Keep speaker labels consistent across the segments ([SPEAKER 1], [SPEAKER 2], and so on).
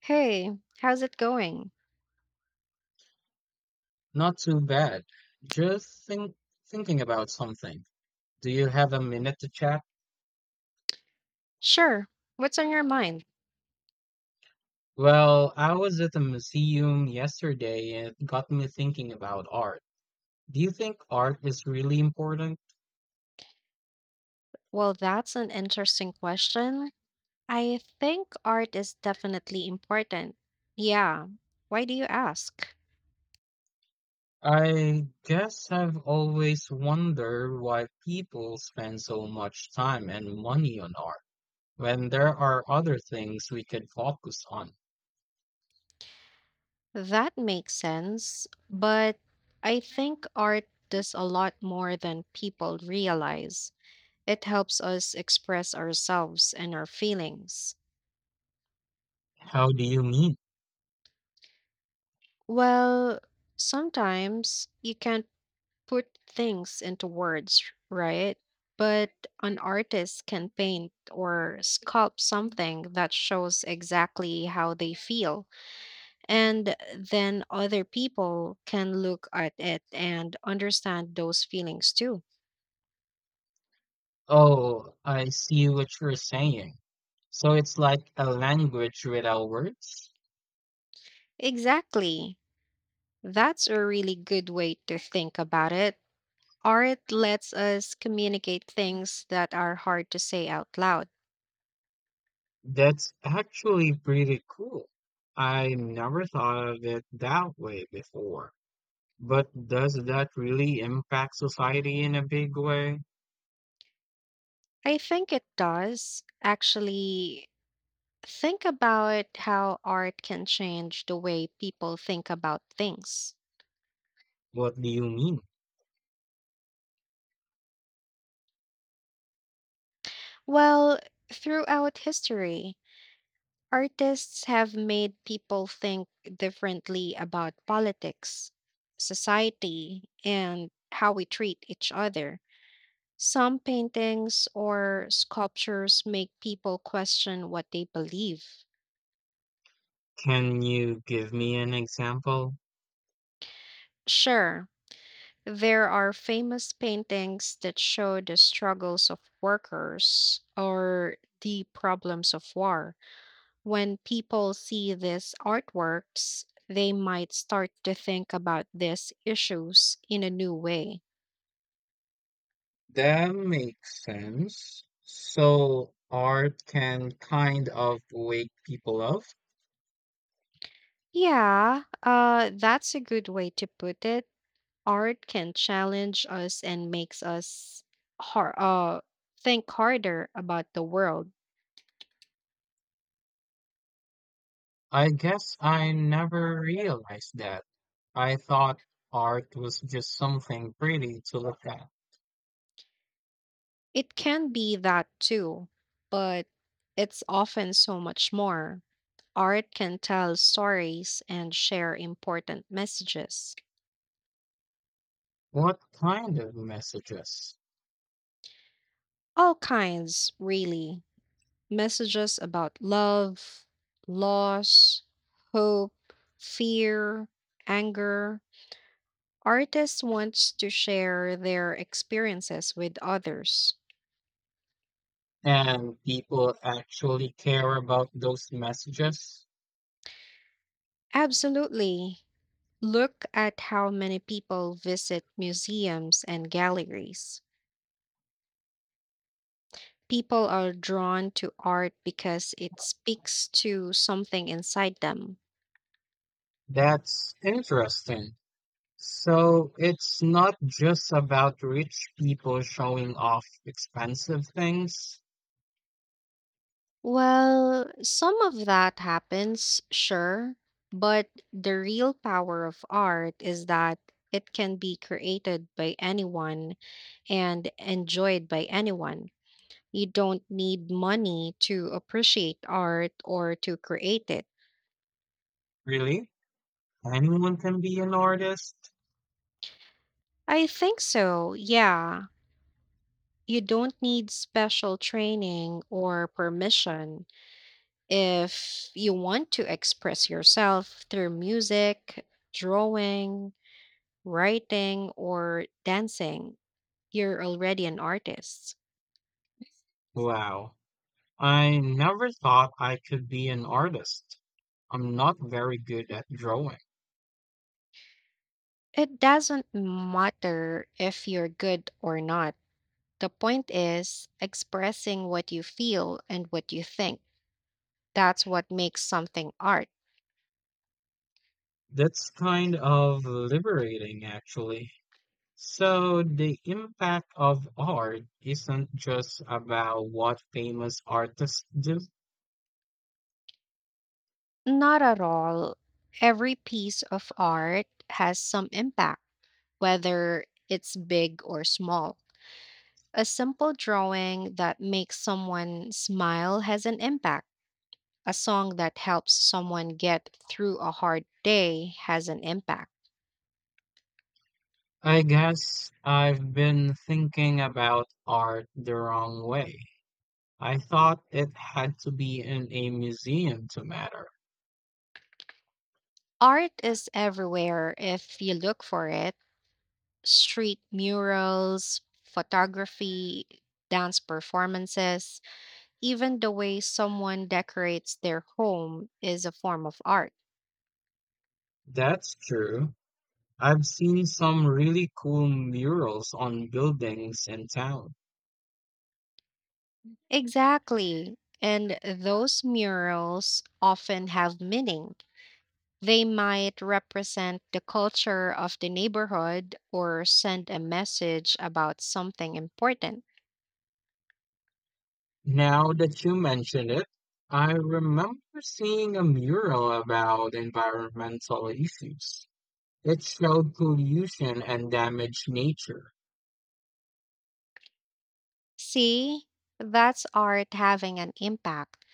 [SPEAKER 1] Hey, how's it going?
[SPEAKER 2] Not too bad. Just thinking about something. Do you have a minute to chat?
[SPEAKER 1] Sure. What's on your mind?
[SPEAKER 2] Well, I was at the museum yesterday and it got me thinking about art. Do you think art is really important?
[SPEAKER 1] Well, that's an interesting question. I think art is definitely important. Yeah. Why do you ask?
[SPEAKER 2] I guess I've always wondered why people spend so much time and money on art when there are other things we could focus on.
[SPEAKER 1] That makes sense, but I think art does a lot more than people realize. It helps us express ourselves and our feelings.
[SPEAKER 2] How do you mean?
[SPEAKER 1] Well, sometimes you can't put things into words, right? But an artist can paint or sculpt something that shows exactly how they feel. And then other people can look at it and understand those feelings too.
[SPEAKER 2] Oh, I see what you're saying. So it's like a language without words?
[SPEAKER 1] Exactly. That's a really good way to think about it. Art lets us communicate things that are hard to say out loud.
[SPEAKER 2] That's actually pretty cool. I never thought of it that way before. But does that really impact society in a big way?
[SPEAKER 1] I think it does. Actually, think about how art can change the way people think about things.
[SPEAKER 2] What do you mean?
[SPEAKER 1] Well, throughout history, artists have made people think differently about politics, society, and how we treat each other. Some paintings or sculptures make people question what they believe.
[SPEAKER 2] Can you give me an example?
[SPEAKER 1] Sure, there are famous paintings that show the struggles of workers or the problems of war. When people see these artworks, they might start to think about these issues in a new way.
[SPEAKER 2] That makes sense. So art can kind of wake people up.
[SPEAKER 1] Yeah, that's a good way to put it. Art can challenge us and makes us har- uh, think harder about the world.
[SPEAKER 2] I guess I never realized that. I thought art was just something pretty to look at.
[SPEAKER 1] It can be that too, but it's often so much more. Art can tell stories and share important messages.
[SPEAKER 2] What kind of messages?
[SPEAKER 1] All kinds, really. Messages about love, loss, hope, fear, anger. Artists want to share their experiences with others.
[SPEAKER 2] And people actually care about those messages?
[SPEAKER 1] Absolutely. Look at how many people visit museums and galleries. People are drawn to art because it speaks to something inside them.
[SPEAKER 2] That's interesting. So it's not just about rich people showing off expensive things?
[SPEAKER 1] Well, some of that happens, sure, but the real power of art is that it can be created by anyone and enjoyed by anyone. You don't need money to appreciate art or to create it.
[SPEAKER 2] Really? Anyone can be an artist?
[SPEAKER 1] I think so, yeah. You don't need special training or permission. If you want to express yourself through music, drawing, writing, or dancing, you're already an artist.
[SPEAKER 2] Wow. I never thought I could be an artist. I'm not very good at drawing.
[SPEAKER 1] It doesn't matter if you're good or not. The point is expressing what you feel and what you think. That's what makes something art.
[SPEAKER 2] That's kind of liberating, actually. So, the impact of art isn't just about what famous artists do.
[SPEAKER 1] Not at all. Every piece of art has some impact, whether it's big or small. A simple drawing that makes someone smile has an impact. A song that helps someone get through a hard day has an impact.
[SPEAKER 2] I guess I've been thinking about art the wrong way. I thought it had to be in a museum to matter.
[SPEAKER 1] Art is everywhere if you look for it: street murals, photography, dance performances. Even the way someone decorates their home is a form of art.
[SPEAKER 2] That's true. I've seen some really cool murals on buildings in town.
[SPEAKER 1] Exactly. And those murals often have meaning. They might represent the culture of the neighborhood or send a message about something important.
[SPEAKER 2] Now that you mention it, I remember seeing a mural about environmental issues. It showed pollution and damaged nature.
[SPEAKER 1] See, that's art having an impact.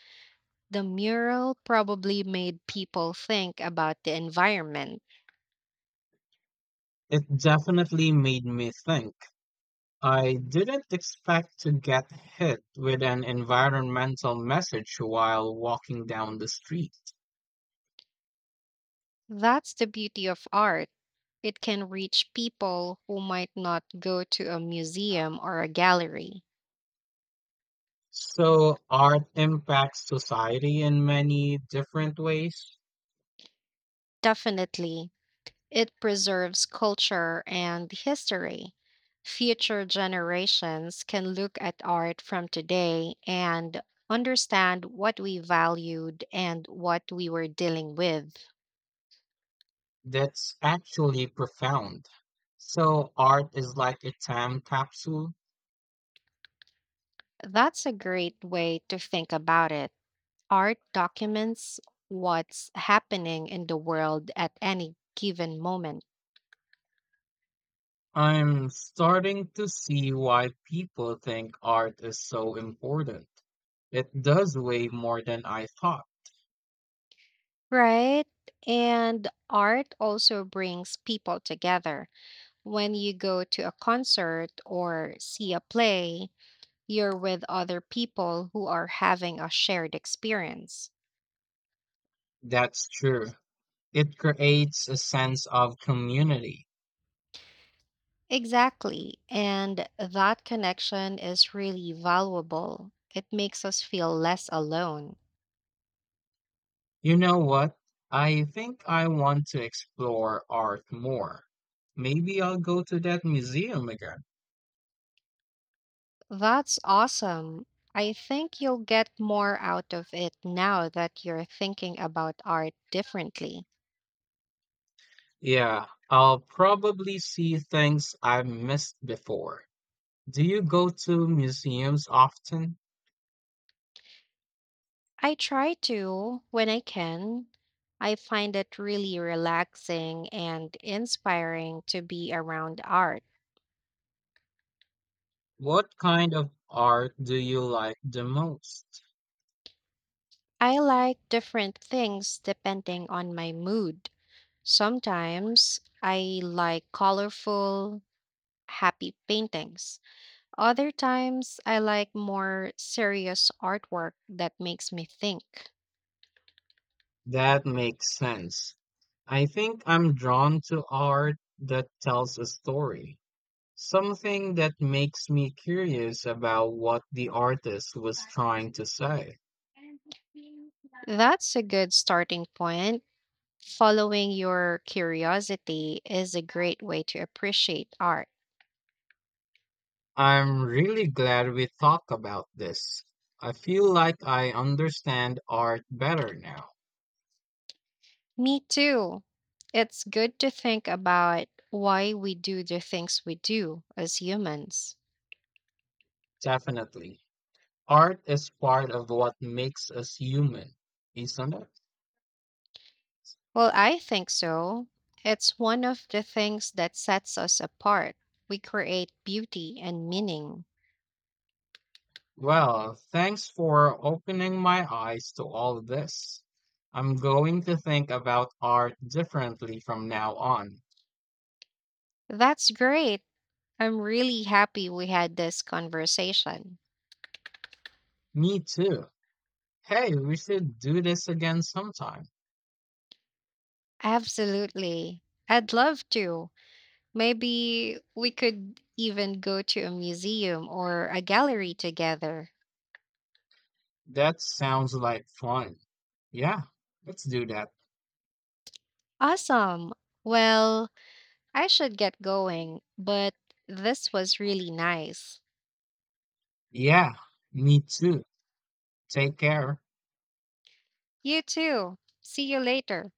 [SPEAKER 1] The mural probably made people think about the environment.
[SPEAKER 2] It definitely made me think. I didn't expect to get hit with an environmental message while walking down the street.
[SPEAKER 1] That's the beauty of art. It can reach people who might not go to a museum or a gallery.
[SPEAKER 2] So, art impacts society in many different ways.
[SPEAKER 1] Definitely, it preserves culture and history. Future generations can look at art from today and understand what we valued and what we were dealing with.
[SPEAKER 2] That's actually profound. So, art is like a time capsule.
[SPEAKER 1] That's a great way to think about it. Art documents what's happening in the world at any given moment,
[SPEAKER 2] I'm starting to see why people think art is so important. It does way more than I thought.
[SPEAKER 1] right? And art also brings people together. When you go to a concert or see a play, you're with other people who are having a shared experience.
[SPEAKER 2] That's true. It creates a sense of community.
[SPEAKER 1] Exactly. And that connection is really valuable. It makes us feel less alone.
[SPEAKER 2] You know what? I think I want to explore art more. Maybe I'll go to that museum again.
[SPEAKER 1] That's awesome. I think you'll get more out of it now that you're thinking about art differently.
[SPEAKER 2] Yeah, I'll probably see things I've missed before. Do you go to museums often?
[SPEAKER 1] I try to when I can. I find it really relaxing and inspiring to be around art.
[SPEAKER 2] What kind of art do you like the most?
[SPEAKER 1] I like different things depending on my mood. Sometimes I like colorful, happy paintings. Other times I like more serious artwork that makes me think.
[SPEAKER 2] That makes sense. I think I'm drawn to art that tells a story, something that makes me curious about what the artist was trying to say.
[SPEAKER 1] That's a good starting point. Following your curiosity is a great way to appreciate art.
[SPEAKER 2] I'm really glad we talked about this. I feel like I understand art better now.
[SPEAKER 1] Me too. It's good to think about why we do the things we do as humans.
[SPEAKER 2] Definitely. Art is part of what makes us human, isn't it?
[SPEAKER 1] Well, I think so. It's one of the things that sets us apart. We create beauty and meaning.
[SPEAKER 2] Well, thanks for opening my eyes to all of this. I'm going to think about art differently from now on.
[SPEAKER 1] That's great. I'm really happy we had this conversation.
[SPEAKER 2] Me too. Hey, we should do this again sometime.
[SPEAKER 1] Absolutely. I'd love to. Maybe we could even go to a museum or a gallery together.
[SPEAKER 2] That sounds like fun. Yeah, let's do that.
[SPEAKER 1] Awesome. Well, I should get going, but this was really nice.
[SPEAKER 2] Yeah, me too. Take care.
[SPEAKER 1] You too. See you later.